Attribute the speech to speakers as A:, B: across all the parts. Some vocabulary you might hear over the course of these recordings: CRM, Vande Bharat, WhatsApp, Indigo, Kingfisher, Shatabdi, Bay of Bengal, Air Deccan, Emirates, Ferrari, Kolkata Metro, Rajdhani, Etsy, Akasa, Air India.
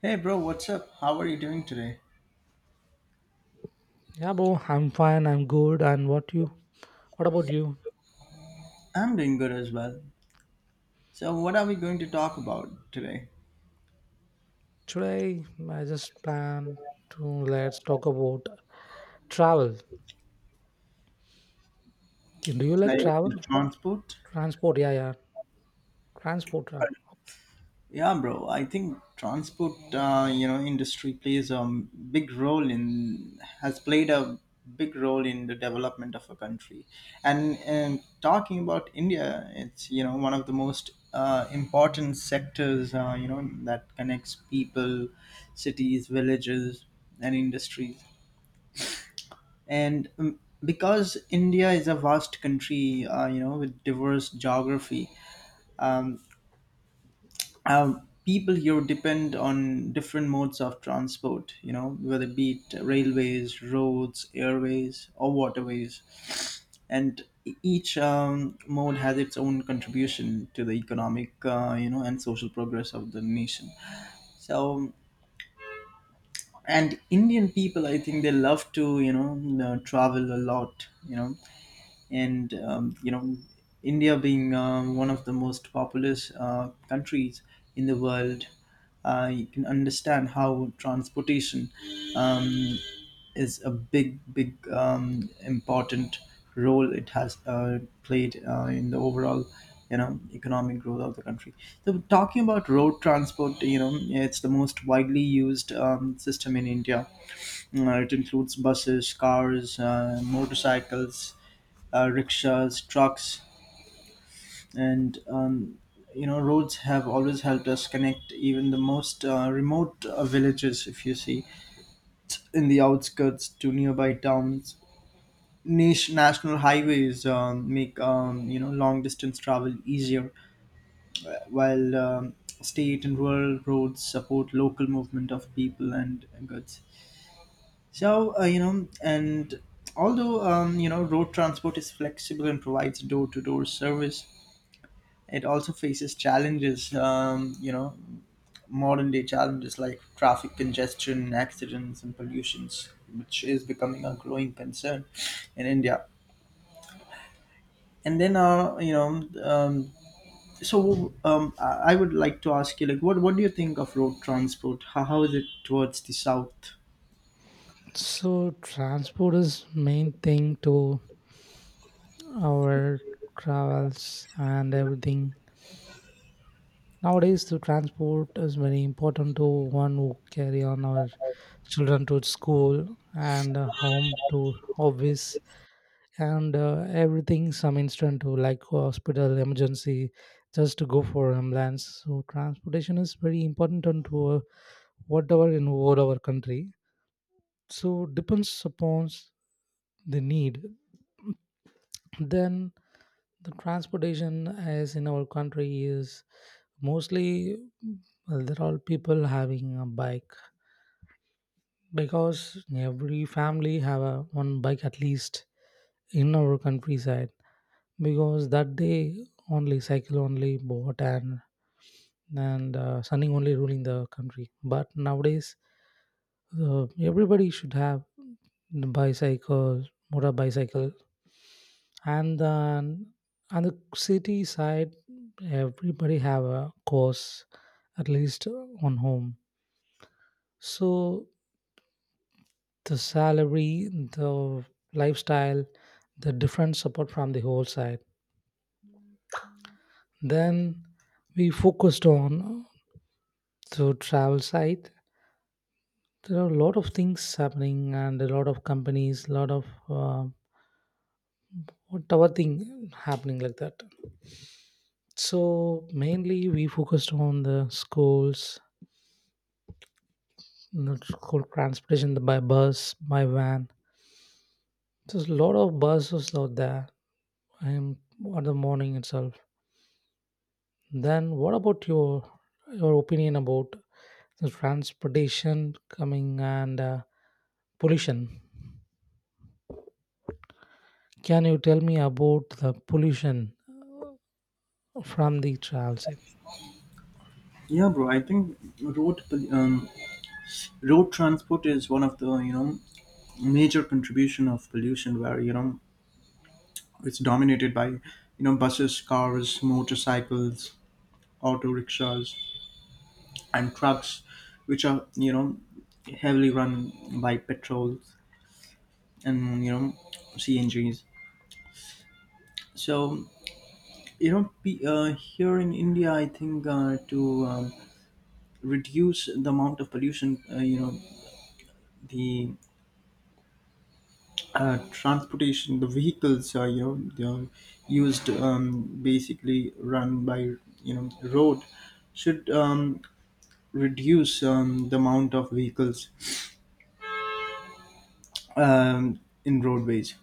A: Hey bro, what's up? How are you doing today?
B: Yeah, bro, I'm fine. I'm good. And what you? What about you?
A: I'm doing good as well. So, what are we going to talk about today?
B: Today, I just plan to let's talk about travel. Do you like
A: Like
B: travel?
A: the transport?
B: Transport, yeah. Transport. Yeah.
A: Yeah, bro. I think transport, industry plays a big role in has played a big role in the development of a country. And talking about India, it's one of the most important sectors, that connects people, cities, villages, and industries. And because India is a vast country, with diverse geography. um, People here depend on different modes of transport, whether it be it railways, roads, airways, or waterways. And each mode has its own contribution to the economic, and social progress of the nation, so. And Indian people, I think they love to, travel a lot, and India being one of the most populous countries in the world, you can understand how transportation um, is a big big, important role it has played, in the overall, economic growth of the country. So talking about road transport, it's the most widely used system in India. It includes buses, cars, motorcycles, rickshaws, trucks, and roads have always helped us connect even the most remote villages. If you see, in the outskirts to nearby towns, niche national highways make, long distance travel easier, while state and rural roads support local movement of people and goods. So, and although, road transport is flexible and provides door-to-door service, it also faces challenges, modern day challenges like traffic congestion, accidents, and pollutions, which is becoming a growing concern in India. And then, so I would like to ask you, like, what do you think of road transport? How is it towards the south?
B: So transport is main thing to our travels and everything. Nowadays, the transport is very important to one who carry on our children to school and home to office and everything some instant to like hospital emergency just to go for ambulance. So transportation is very important on to whatever in all our country. So depends upon the need, then the transportation as in our country is mostly, well, there are people having a bike because every family have a one bike at least in our countryside. Because that day only cycle only bought, and sunny only ruling the country. But nowadays everybody should have the bicycle, motor bicycle, and then on the city side everybody have a course at least on home. So the salary, the lifestyle, the different support from the whole side, then we focused on. So travel side, there are a lot of things happening and a lot of companies, a lot of whatever thing happening like that. So mainly we focused on the schools, not school, transportation by bus, by van. There's a lot of buses out there. I on the morning itself. Then what about your opinion about the transportation coming and pollution? Can you tell me about the pollution from the travels.
A: Yeah, bro. I think road transport is one of the, major contribution of pollution, where, it's dominated by, buses, cars, motorcycles, auto rickshaws, and trucks, which are, heavily run by petrol and, CNGs. So, here in India, I think, to reduce the amount of pollution, the transportation, the vehicles are, they're used, basically run by, road should reduce the amount of vehicles in roadways.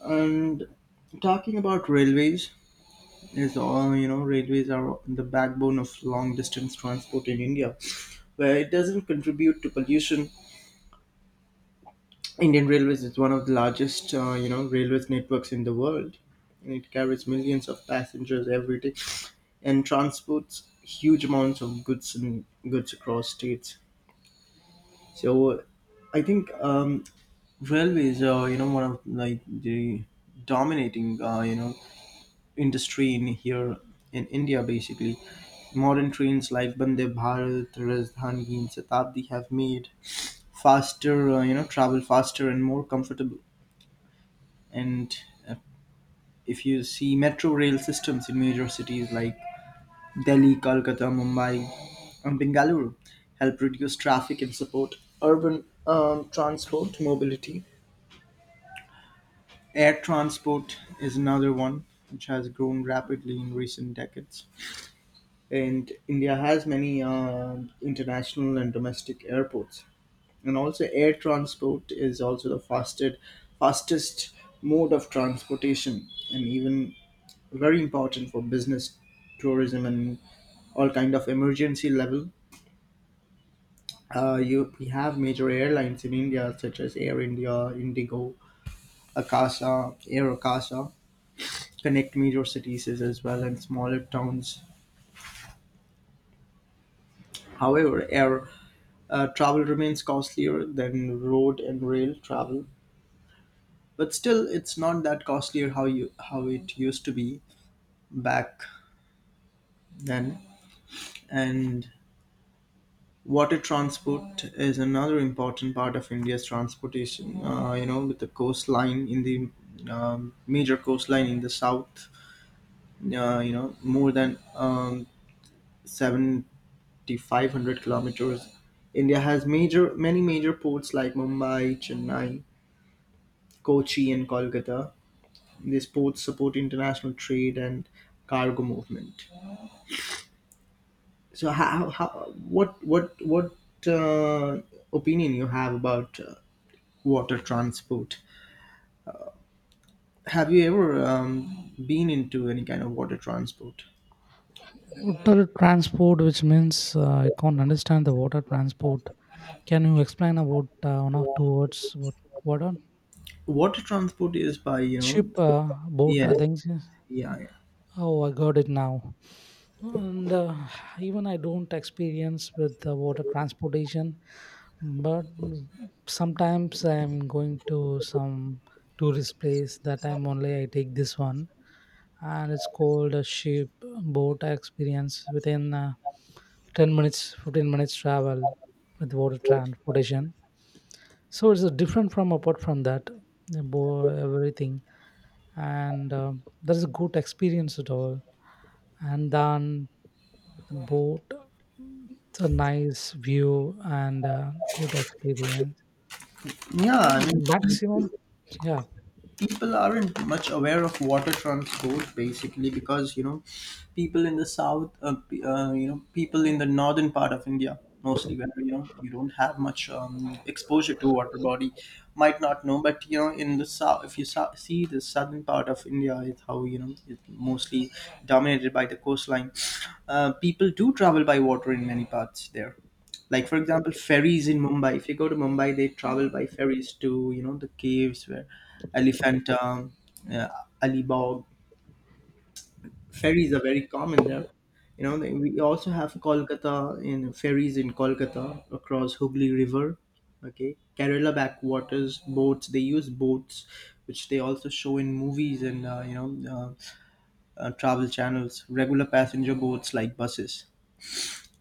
A: And talking about railways, is all, railways are the backbone of long distance transport in India, where it doesn't contribute to pollution. Indian Railways is one of the largest, railways networks in the world, and it carries millions of passengers every day, and transports huge amounts of goods across states. So, I think railway is, one of like the dominating, industry in here in India basically. Modern trains like Vande Bharat, Rajdhani, and Shatabdi have made faster you know travel faster and more comfortable. And uh, if you see, metro rail systems in major cities like Delhi, Kolkata, Mumbai, and Bengaluru, help reduce traffic and support urban transport mobility. Air transport is another one which has grown rapidly in recent decades. And India has many international and domestic airports. And also, air transport is also the fastest mode of transportation, and even very important for business, tourism, and all kind of emergency level. You We have major airlines in India such as Air India, Indigo, Akasa, Air Akasa, connect major cities as well and smaller towns. However, air travel remains costlier than road and rail travel, but still, it's not that costlier how it used to be back then. And water transport is another important part of India's transportation. With the coastline in the, major coastline in the south, more than seven 500 kilometers. India has major many major ports like Mumbai, Chennai, Kochi, and Kolkata. These ports support international trade and cargo movement. So, how what uh, opinion you have about water transport? Have you ever been into any kind of water transport?
B: Water transport, which means I can't understand the water transport. Can you explain about one or two words? What on
A: Water transport is by,
B: ship, boat,
A: yes,
B: things?
A: yeah,
B: Oh, I got it now. And even I don't experience with the water transportation, but sometimes I'm going to some tourist place, that I am only I take this one, and it's called a ship boat experience within 10 minutes, 15 minutes travel with water transportation. So it's different. From apart from that, the everything. And that is a good experience at all. And then the boat, mm, it's a nice view and good experience.
A: yeah, I
B: And
A: mean,
B: maximum, yeah,
A: people aren't much aware of water transport basically because, people in the south, people in the northern part of India, mostly where, you don't have much exposure to water body, might not know, but, in the south, if you see the southern part of India, it's how you know it's mostly dominated by the coastline. People do travel by water in many parts there, like for example, ferries in Mumbai. If you go to Mumbai, they travel by ferries to, the caves where Elephantum, uh, Alibag, ferries are very common there. We also have Kolkata, in ferries in Kolkata across Hooghly river. Okay, Kerala backwaters boats, they use boats, which they also show in movies and, travel channels, regular passenger boats like buses.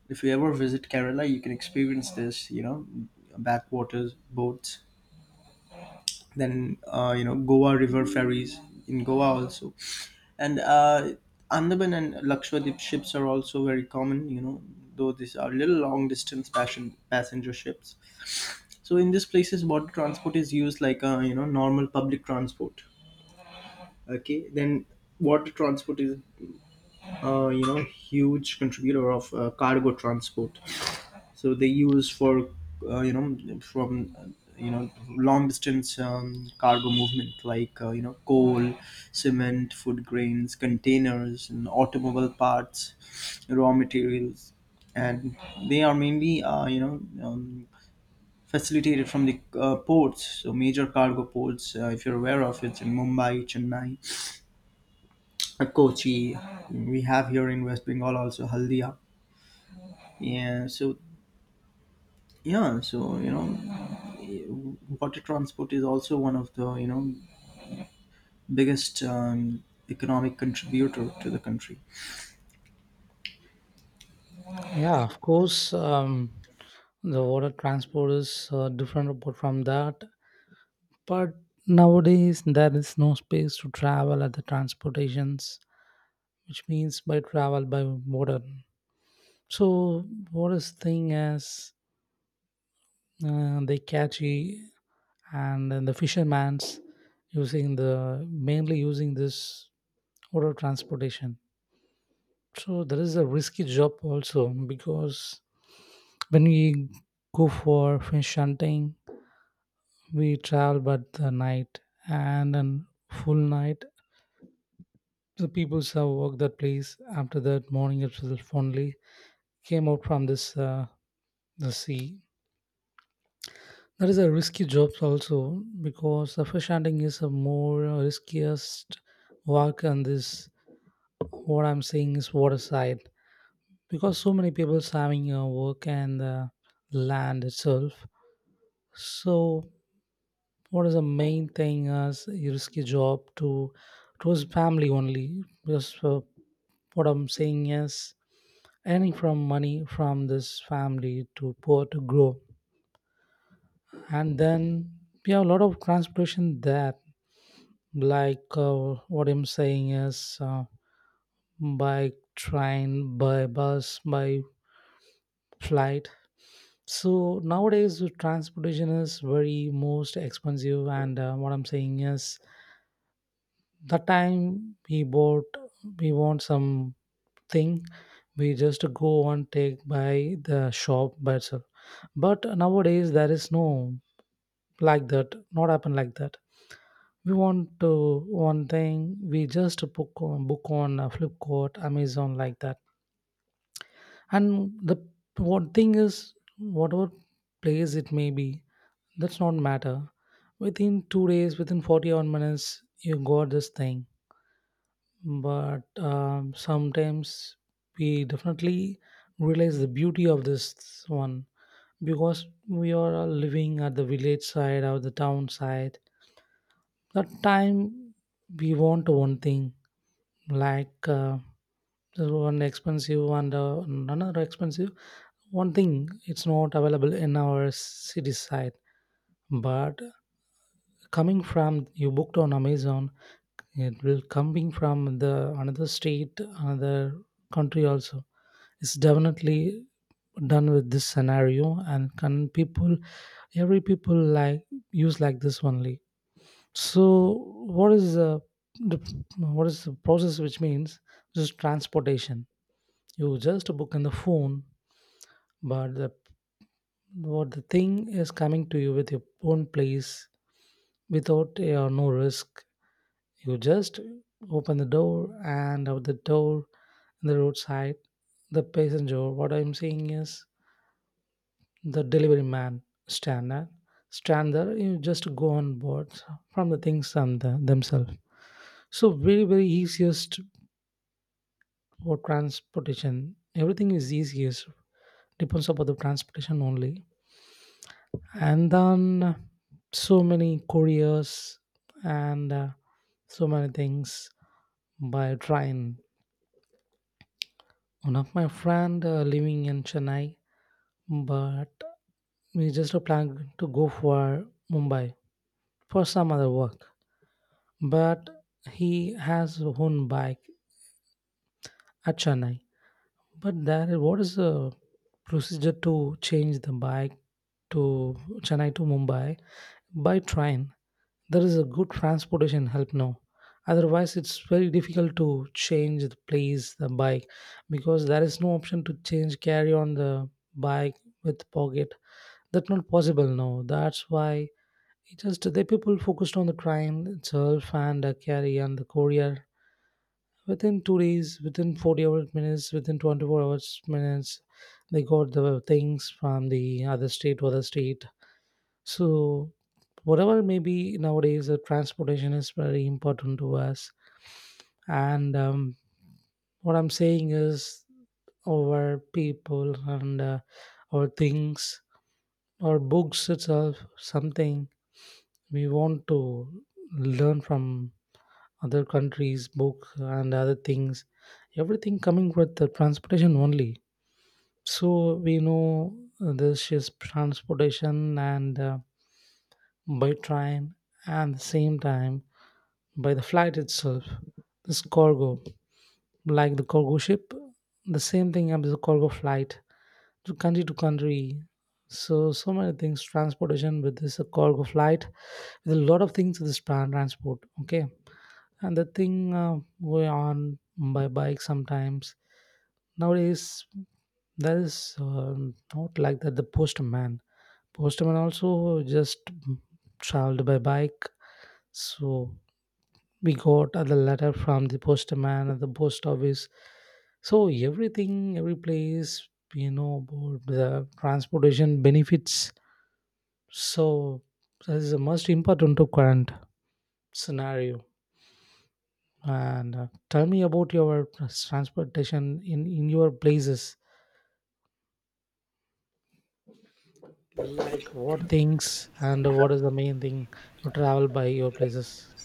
A: If you ever visit Kerala, you can experience this, backwaters, boats. Then, Goa river ferries in Goa also. And Andaman and Lakshadweep ships are also very common, though these are little long distance passenger ships. So in these places, water transport is used like a, normal public transport. Okay, then water transport is, huge contributor of cargo transport. So they use for, from, long distance cargo movement like, coal, cement, food grains, containers, and automobile parts, raw materials. And they are mainly, um, facilitated from the ports. So major cargo ports, if you're aware of, it's in Mumbai, Chennai, Kochi. We have here in West Bengal also, Haldia. Yeah, so. Yeah, so, water transport is also one of the, biggest economic contributor to the country.
B: yeah, of course, the water transport is different apart from that. But nowadays, there is no space to travel at the transportations, which means by travel by water. So, what is thing is they catchy, and then the fishermen's using, the mainly using this water transportation. So there is a risky job also, because when we go for fish hunting, we travel but the night, and then full night. The people have worked that place. After that morning itself only came out from this the sea. That is a risky job also because the fish hunting is a more riskiest work on this. What I'm saying is water side, because so many people having work and land itself. So, what is the main thing as a risky job to choose family only? Because what I'm saying is earning from money from this family to poor to grow, and then we have a lot of transportation there. Like what I'm saying is, by train, by bus, by flight. So nowadays, the transportation is very most expensive, and what I'm saying is, the time we bought, we want something, we just go and take by the shop by itself. But nowadays there is no, like that not happen like that. We want to one thing, we just book on flipkart, amazon, like that. And the one thing is, whatever place it may be, that's not matter, within 2 days, within 41 minutes, you got this thing. But sometimes we definitely realize the beauty of this one, because we are all living at the village side or the town side. That time we want one thing like there's one expensive and another expensive. One thing it's not available in our city side, but coming from you booked on amazon, it will coming from the another state, another country also. Is definitely done with this scenario, and can people, every people like use like this only. So what is the what is the process, which means, just transportation, you just book in the phone, but the what the thing is coming to you with your own place, without no risk, you just open the door and out the door in the roadside. The passenger, what I'm saying is the delivery man stand there, stand there. You just go on board from the things the, themselves. So very very easiest for transportation. Everything is easiest depends upon the transportation only. And then so many couriers and so many things by train. One of my friend living in Chennai, but we just plan to go for Mumbai for some other work. But he has his own bike at Chennai. But there, what is the procedure to change the bike to Chennai to Mumbai by train? There is a good transportation help now. Otherwise, it's very difficult to change the place the bike, because there is no option to change carry on the bike with pocket. That's not possible now. That's why it just the people focused on the train itself and carry and the courier. Within 2 days, within 48 minutes, within 24 hours minutes, they got the things from the other state to other state. So whatever maybe, nowadays the transportation is very important to us. And what I'm saying is, our people and our things, our books itself, something we want to learn from other countries, book and other things. Everything coming with the transportation only. So we know this is transportation and by train, and the same time by the flight itself. This cargo, like the cargo ship, the same thing as the cargo flight to country to country. So so many things transportation with this cargo flight. There's a lot of things with this transport. Okay, and the thing go on by bike sometimes nowadays. That is uh, not like that. The postman, also just traveled by bike. So we got the letter from the postman at the post office. So everything, every place, you know about the transportation benefits. So this is the most important to current scenario. And tell me about your transportation in your places. Like what things and what is the main thing you travel by your places?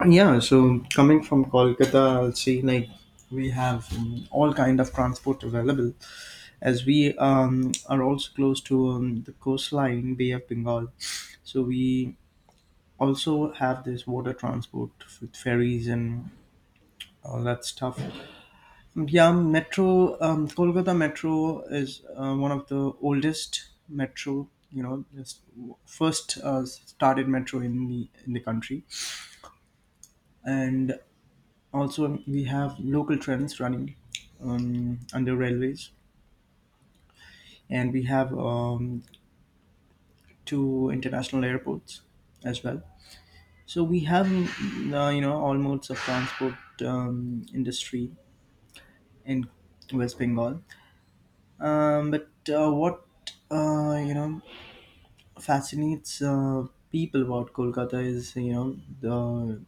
A: And yeah, so, coming from Kolkata, I'll see like we have all kind of transport available, as we are also close to, the coastline, Bay of Bengal. So we also have this water transport, with ferries and all that stuff. Yeah, Metro, Kolkata Metro is, one of the oldest metro. You know, just first started metro in the country, and also we have local trains running under railways, and we have two international airports as well. So we have all modes of transport industry in West Bengal, but what, uh, you know fascinates people about Kolkata is, the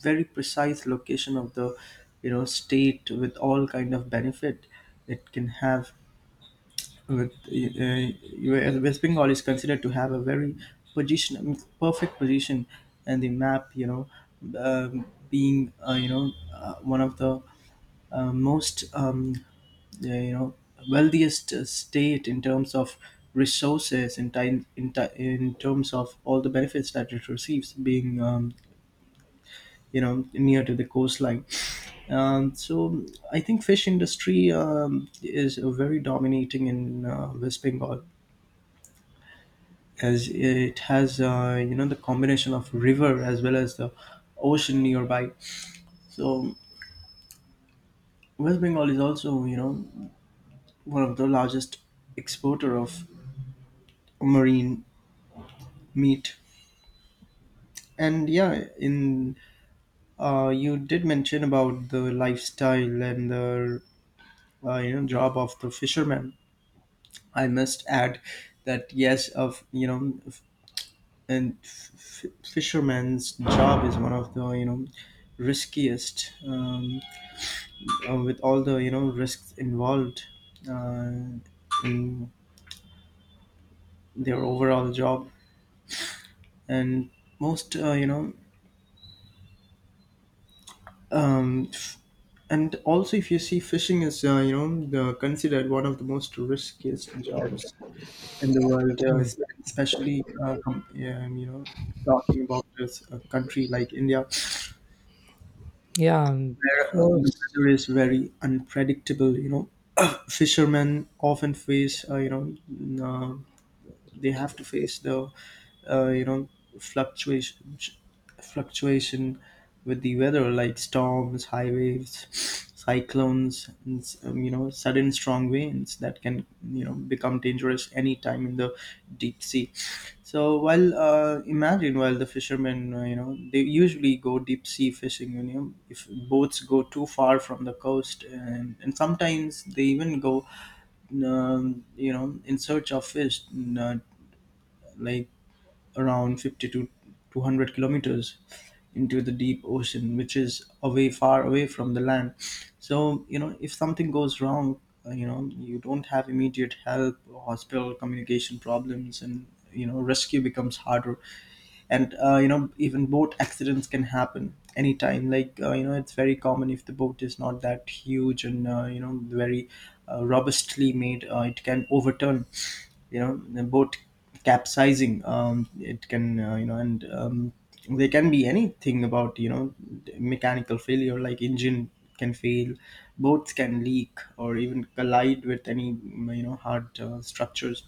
A: very precise location of the, state with all kind of benefit it can have, with, West Bengal is considered to have a very position perfect position and the map, um, being, one of the, most, yeah, wealthiest state in terms of resources, in terms of all the benefits that it receives, being, near to the coastline. So I think fish industry is, very dominating in, West Bengal, as it has, the combination of river as well as the ocean nearby. So West Bengal is also, one of the largest exporter of marine meat. And yeah, in you did mention about the lifestyle and the, job of the fisherman. I must add that yes, of you know, f- and f- f- fisherman's job is one of the riskiest, with all the risks involved uh, in their overall job. And most you know um, and also, if you see, fishing is, considered one of the most riskiest jobs in the world, uh,
B: Yeah,
A: es- especially uh, com- um, you know talking about this a country like India,
B: yeah, and
A: where the
B: because
A: weather is very unpredictable. Fishermen often face, they have to face the uh, you know fluctuation, fluctuation with the weather, like storms, high waves, cyclones, and sudden strong winds that can become dangerous anytime in the deep sea. So, while imagine, while the fishermen, they usually go deep sea fishing, if boats go too far from the coast, and sometimes they even go, in search of fish, uh, like, around 50 to 200 kilometers into the deep ocean, which is away, far away from the land. So, if something goes wrong, you don't have immediate help, hospital, communication problems, and rescue becomes harder. And even boat accidents can happen anytime. Like it's very common, if the boat is not that huge and very robustly made, it can overturn, the boat capsizing. It can, you know and there can be anything about, mechanical failure, like engine can fail, boats can leak, or even collide with any hard structures.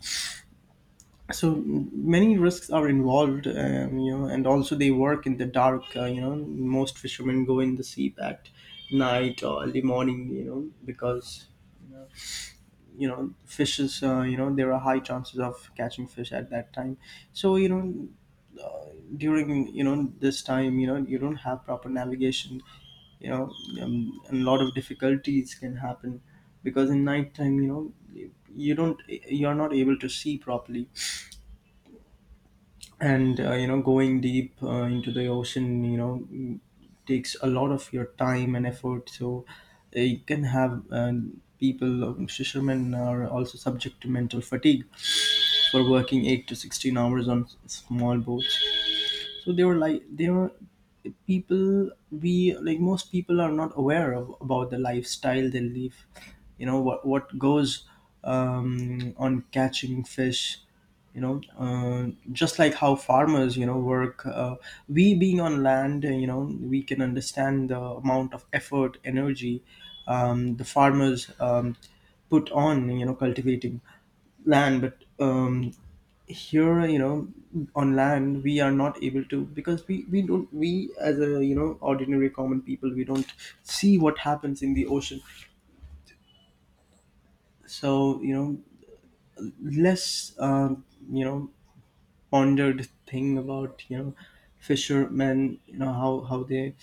A: So many risks are involved. And also, they work in the dark. Most fishermen go in the sea at night or early morning, because fishes, there are high chances of catching fish at that time. So, uh, during this time, you don't have proper navigation, you know and a lot of difficulties can happen, because in night time, you don't, you're not able to see properly. And going deep into the ocean, takes a lot of your time and effort. So you can have, people fishermen are also subject to mental fatigue, for working 8 to 16 hours on small boats. So they were like, they were people, we like most people are not aware of about the lifestyle they live, what goes on catching fish. you know uh, just like how farmers work, we being on land, we can understand the amount of effort, energy the farmers put on, cultivating land. But here, on land we are not able to, because we don't, we, as a ordinary common people, we don't see what happens in the ocean. So, less, pondered thing about, fishermen, how they,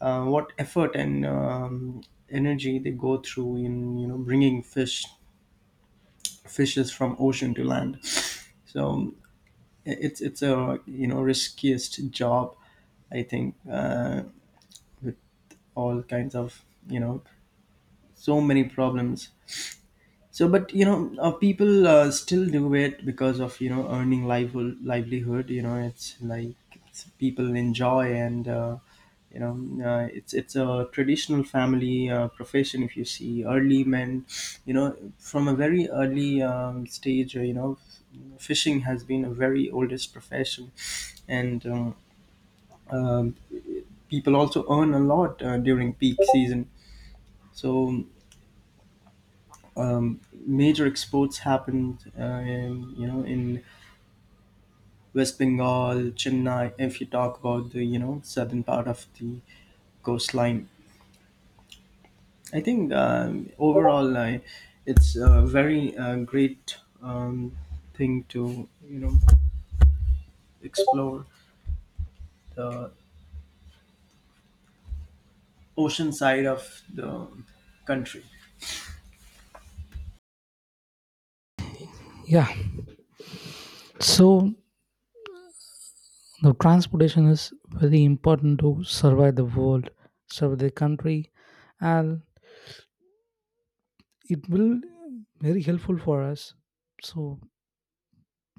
A: what effort and energy they go through in, bringing fish, fishes from ocean to land. So it's a riskiest job, I think, with all kinds of, you know so many problems. So, but people still do it because of earning livelihood. Livelihood, it's like, it's, people enjoy, and you know, it's a traditional family profession. If you see early men, from a very early stage, fishing has been a very oldest profession. And um, People also earn a lot during peak season. So um, Major exports happened, in West Bengal, Chennai, if you talk about the southern part of the coastline. I think, overall, it's a very great um, thing to, explore the ocean side of the country.
B: yeah. So the transportation is very important to survive the world, survive the country, and it will very helpful for us. So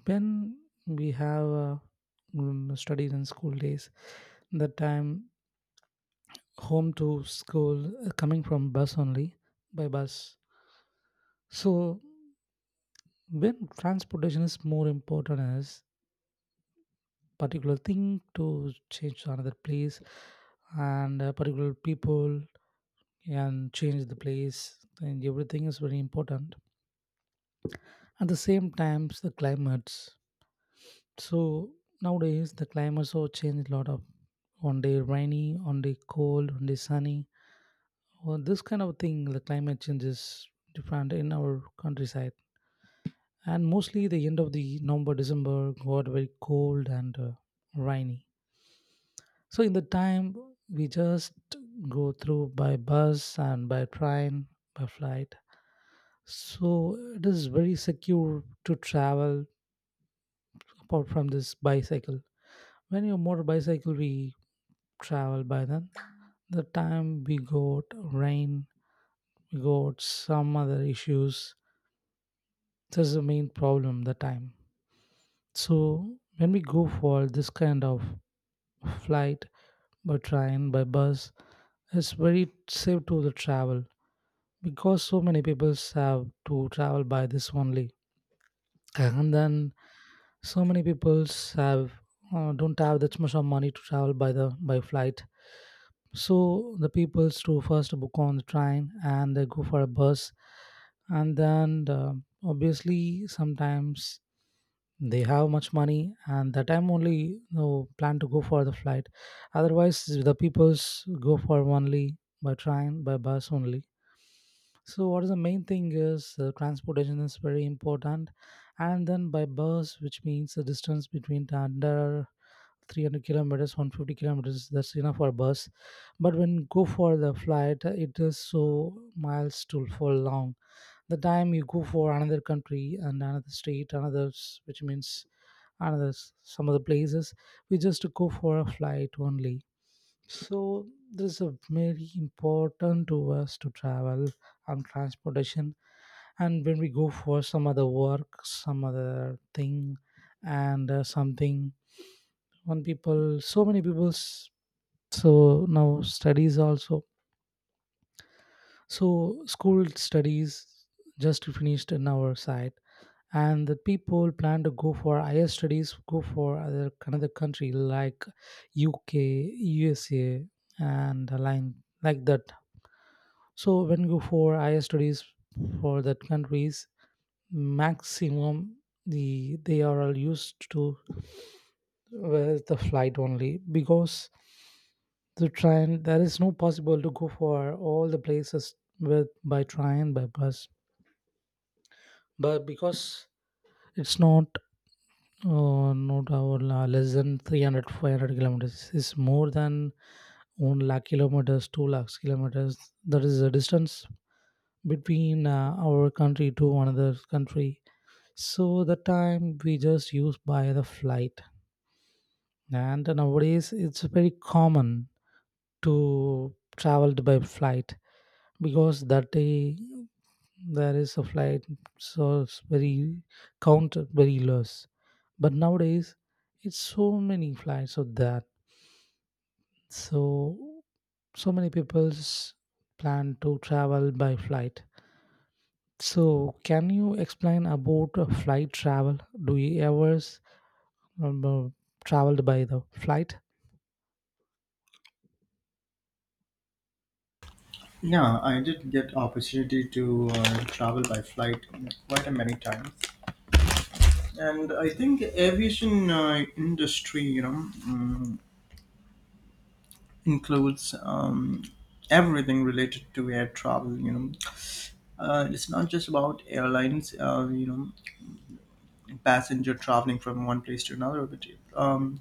B: when we have mm, studies in school days, the time home to school coming from bus only, by bus. So when transportation is more important as particular thing to change to another place and particular people and change the place and everything is very important. At the same times the climates. So nowadays the climate so changed a lot of, one day rainy, one day cold, one day sunny. Well, this kind of thing, the climate change is different in our countryside. And mostly the end of the November, December got very cold and rainy. So in the time we just go through by bus and by train, by flight. So it is very secure to travel apart from this bicycle. When you motor bicycle, we travel by, then the time we got rain, we got some other issues. That's the main problem the time. So when we go for this kind of flight, by train, by bus, it's very safe to the travel, because so many people have to travel by this only. And then so many peoples have don't have that much of money to travel by the by flight. So the peoples to first book on the train and they go for a bus. And then obviously sometimes they have much money, and that time only, you know, plan to go for the flight. Otherwise the peoples go for only by train by bus only. So what is the main thing is, transportation is very important, and then by bus, which means the distance between the under 300 kilometers, 150 kilometers, that's enough for bus. But when go for the flight, it is so miles to for long. The time you go for another country and another state, another which means another some other places, we just go for a flight only. So this is very important to us to travel and transportation. And when we go for some other work, some other thing, and something, one people, so many people's. So now studies also. So school studies just finished in our side, and the people plan to go for higher studies, go for other another country like UK USA and a line like that. So when you go for higher studies for that countries, maximum they are all used to with the flight only, because the train there is no possible to go for all the places with by train by bus, but because it's not not our less than 300 kilometers, it's more than 1 lakh kilometers 2 lakhs kilometers. That is the distance between our country to another country. So the time we just use by the flight. And nowadays it's very common to travel by flight, because that day there is a flight, so it's very counted very less. But nowadays it's so many flights of that. So so many people's plan to travel by flight. So, can you explain about flight travel? Do you ever um, uh, traveled by the flight?
A: Yeah, I did get opportunity to travel by flight quite a many times. And I think aviation industry, includes everything related to air travel. It's not just about airlines, passenger traveling from one place to another, but um,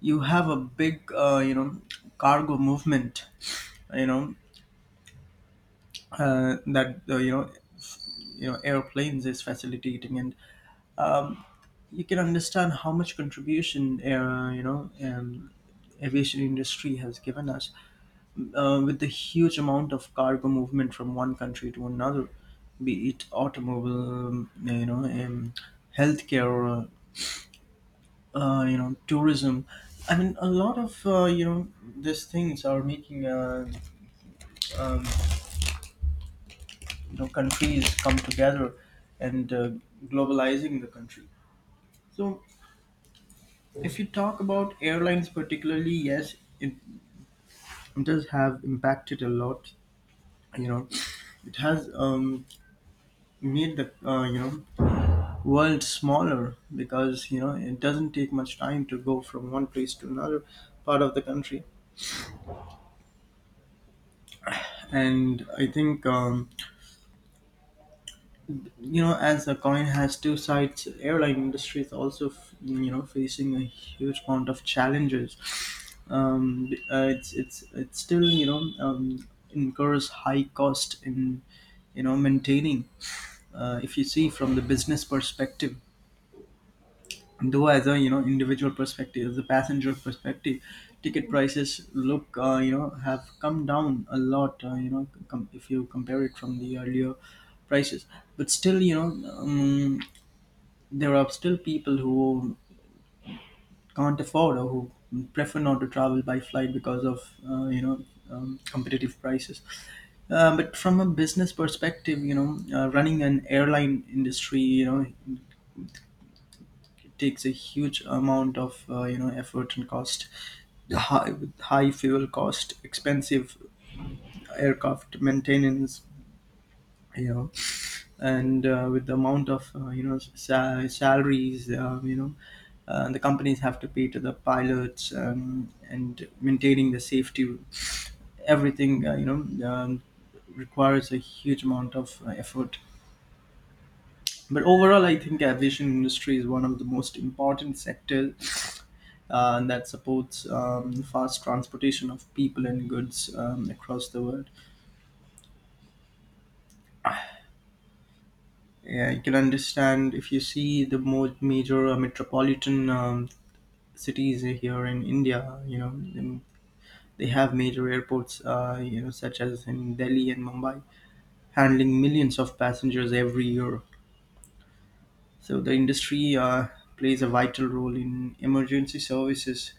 A: you have a big cargo movement, you know that you know f- you know airplanes is facilitating. And um, you can understand how much contribution, aviation industry has given us, with the huge amount of cargo movement from one country to another. Be it automobile, healthcare, tourism, I mean a lot of, these things are making, um, countries come together, and globalizing the country. So, if you talk about airlines particularly, yes, it does have impacted a lot. you know it has, made the, world smaller, because it doesn't take much time to go from one place to another part of the country. And I think, as the coin has two sides, airline industry is also, facing a huge amount of challenges. It's still, incurs high cost in, maintaining. If you see from the business perspective, though as a individual perspective, the passenger perspective, ticket prices look, have come down a lot, if you compare it from the earlier prices. But still, um, there are still people who can't afford, or who prefer not to travel by flight, because of competitive prices. But from a business perspective, running an airline industry, it takes a huge amount of effort and cost, with high fuel cost, expensive aircraft maintenance, you know and with the amount of, salaries, the companies have to pay to the pilots, and maintaining the safety, everything, requires a huge amount of effort. But overall, I think aviation industry is one of the most important sectors that supports the fast transportation of people and goods across the world. Yeah, you can understand if you see the more major metropolitan cities here in India, then they have major airports, such as in Delhi and Mumbai, handling millions of passengers every year. So the industry plays a vital role in emergency services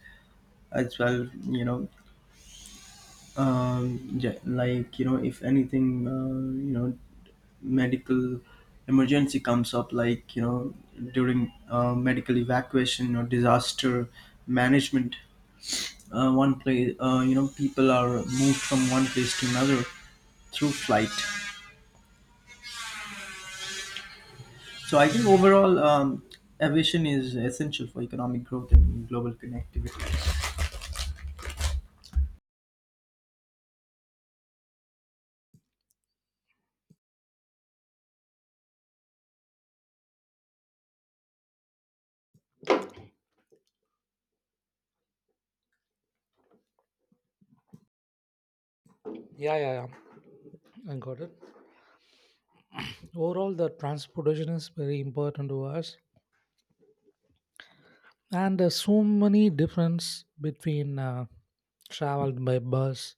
A: as well, yeah, like if anything, medical emergency comes up, like during medical evacuation or disaster management. One place, people are moved from one place to another through flight. So I think overall, aviation is essential for economic growth and global connectivity.
B: Yeah, yeah, yeah. I got it. Overall, the transportation is very important to us, and there's so many difference between traveled by bus,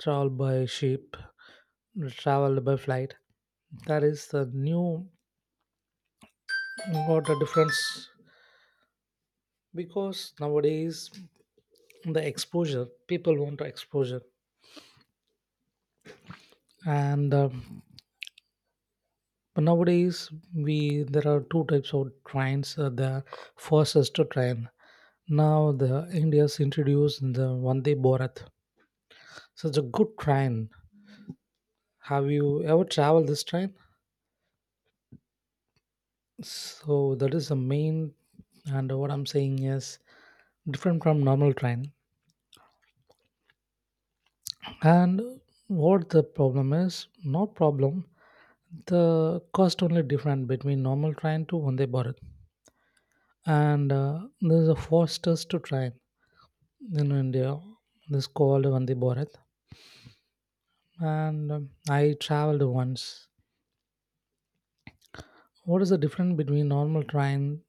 B: traveled by ship, traveled by flight. That is the new what the difference, because nowadays the exposure people want to exposure and but nowadays, we there are two types of trains. The fastest train. Now the India's introduced the Vande Bharat. Such a good train. Have you ever traveled this train? So that is the main. And what I'm saying is different from normal train. And what the problem is? Not problem. The cost only different between normal train to Vande Bharat. And this is a fastest train in India. This called Vande Bharat, and I traveled once. What is the difference between normal train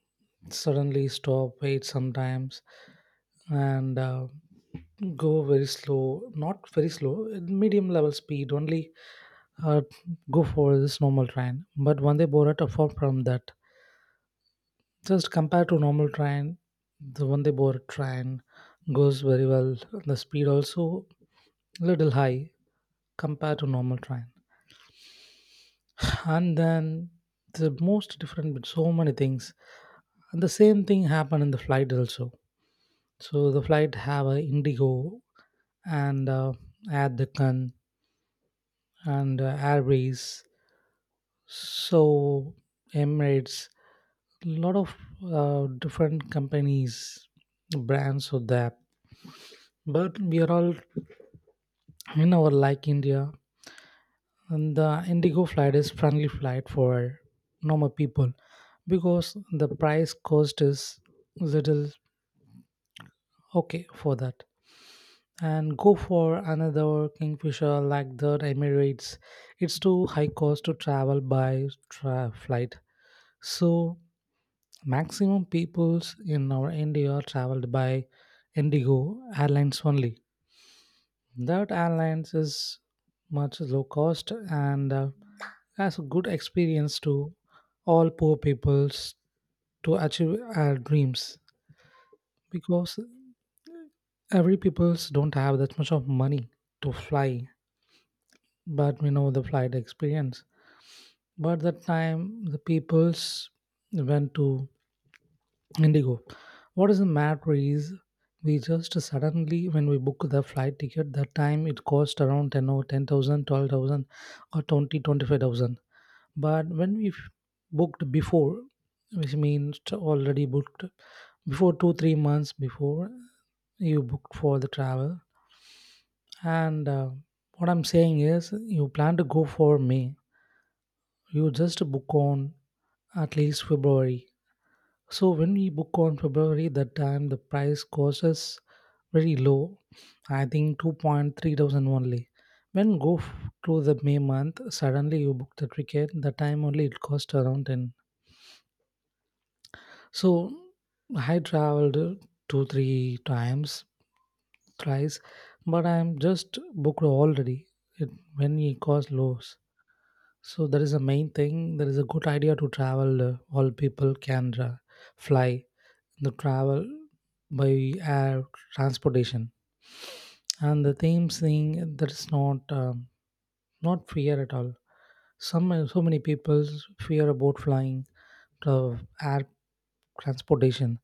B: suddenly stop, wait sometimes, and go very slow? Not very slow, at medium level speed only. Uh, Go for this normal train, but Vande Bharat apart from that, just compared to normal train, the Vande Bharat train goes very well. The speed also little high compared to normal train. And then the most different with so many things, and the same thing happened in the flight also. So the flight have a Indigo and Air Deccan and airways, so Emirates, a lot of different companies, brands of that, but we are all in our like India. And the Indigo flight is friendly flight for normal people, because the price cost is little okay for that. And go for another Kingfisher like the Emirates. It's too high cost to travel by flight. So maximum peoples in our India traveled by Indigo Airlines only. That airlines is much low cost, and as a good experience to all poor peoples to achieve our dreams, because every peoples don't have that much of money to fly, but we know the flight experience. But that time the peoples went to Indigo. What is the matter is we just suddenly when we book the flight ticket, that time it cost around 10 or 10,000, 12,000, or 20, 25,000. But when we booked before, which means already booked before 2-3 months before, you booked for the travel, and what I'm saying is you plan to go for May, you just book on at least February. So when we book on February, that time the price cost is very low, I think 2.3 thousand only. When go to the May month, suddenly you book the ticket, the time only it cost around 10. So I traveled two, three times, thrice, but I'm just booked already it, when it costs lows. So that is the main thing. That is a good idea to travel. All people can fly the travel by air transportation. And the same thing that is not not fear at all. Some so many people fear about flying the air transportation,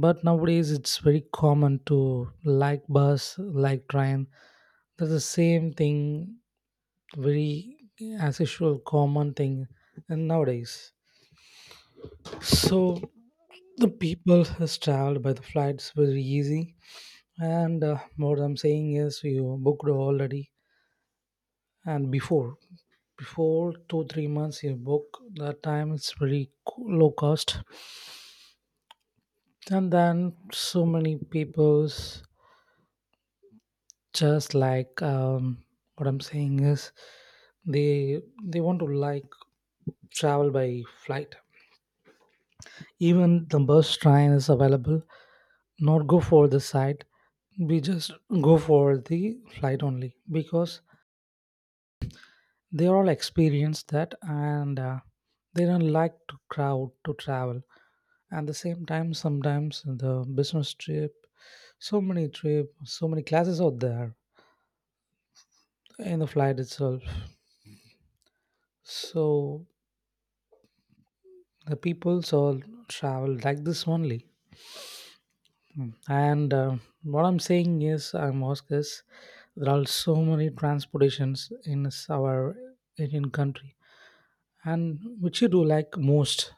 B: but nowadays it's very common to like bus like train, that's the same thing, very as usual common thing. And nowadays so the people has traveled by the flights very easy, and what I'm saying is you booked already, and before 2-3 months you book, that time it's very low cost. And then so many people's just like what I'm saying is they want to like travel by flight, even the bus train is available, not go for the site, we just go for the flight only, because they are all experienced that, and they don't like to crowd to travel. At the same time sometimes the business trip, so many trip so many classes out there in the flight itself. So the peoples all travel like this only. Hmm. And what I'm saying is I'm asked is there are so many transportations in our Indian country. And which you do like most,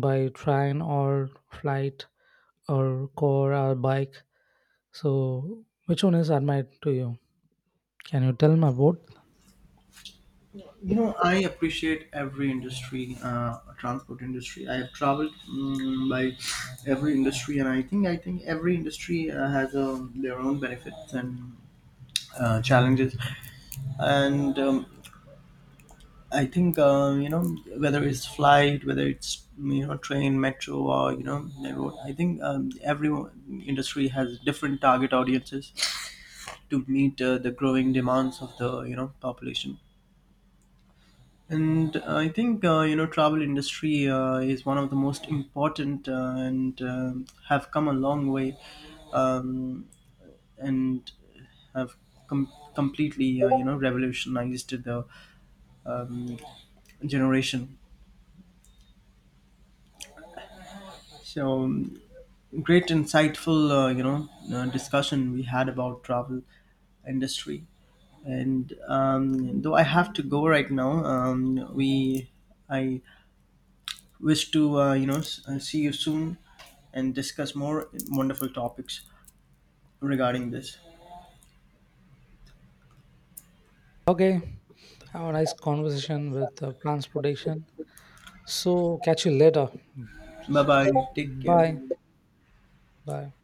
B: by train or flight or car or bike? So which one is admired to you, can you tell me about?
A: I appreciate every industry, transport industry. I have traveled by every industry, and I think every industry has their own benefits and challenges. And I think, whether it's flight, whether it's, train, metro, or the road, I think, every industry has different target audiences to meet the growing demands of the population. And I think, travel industry is one of the most important, and have come a long way, um, and have completely, revolutionized the um, generation. So um, Great, insightful, discussion we had about travel industry. And though I have to go right now, we I wish to, see you soon and discuss more wonderful topics regarding this.
B: Okay, have a nice conversation with transportation. So catch you later. Hmm.
A: Bye bye. Take
B: Bye
A: care.
B: bye.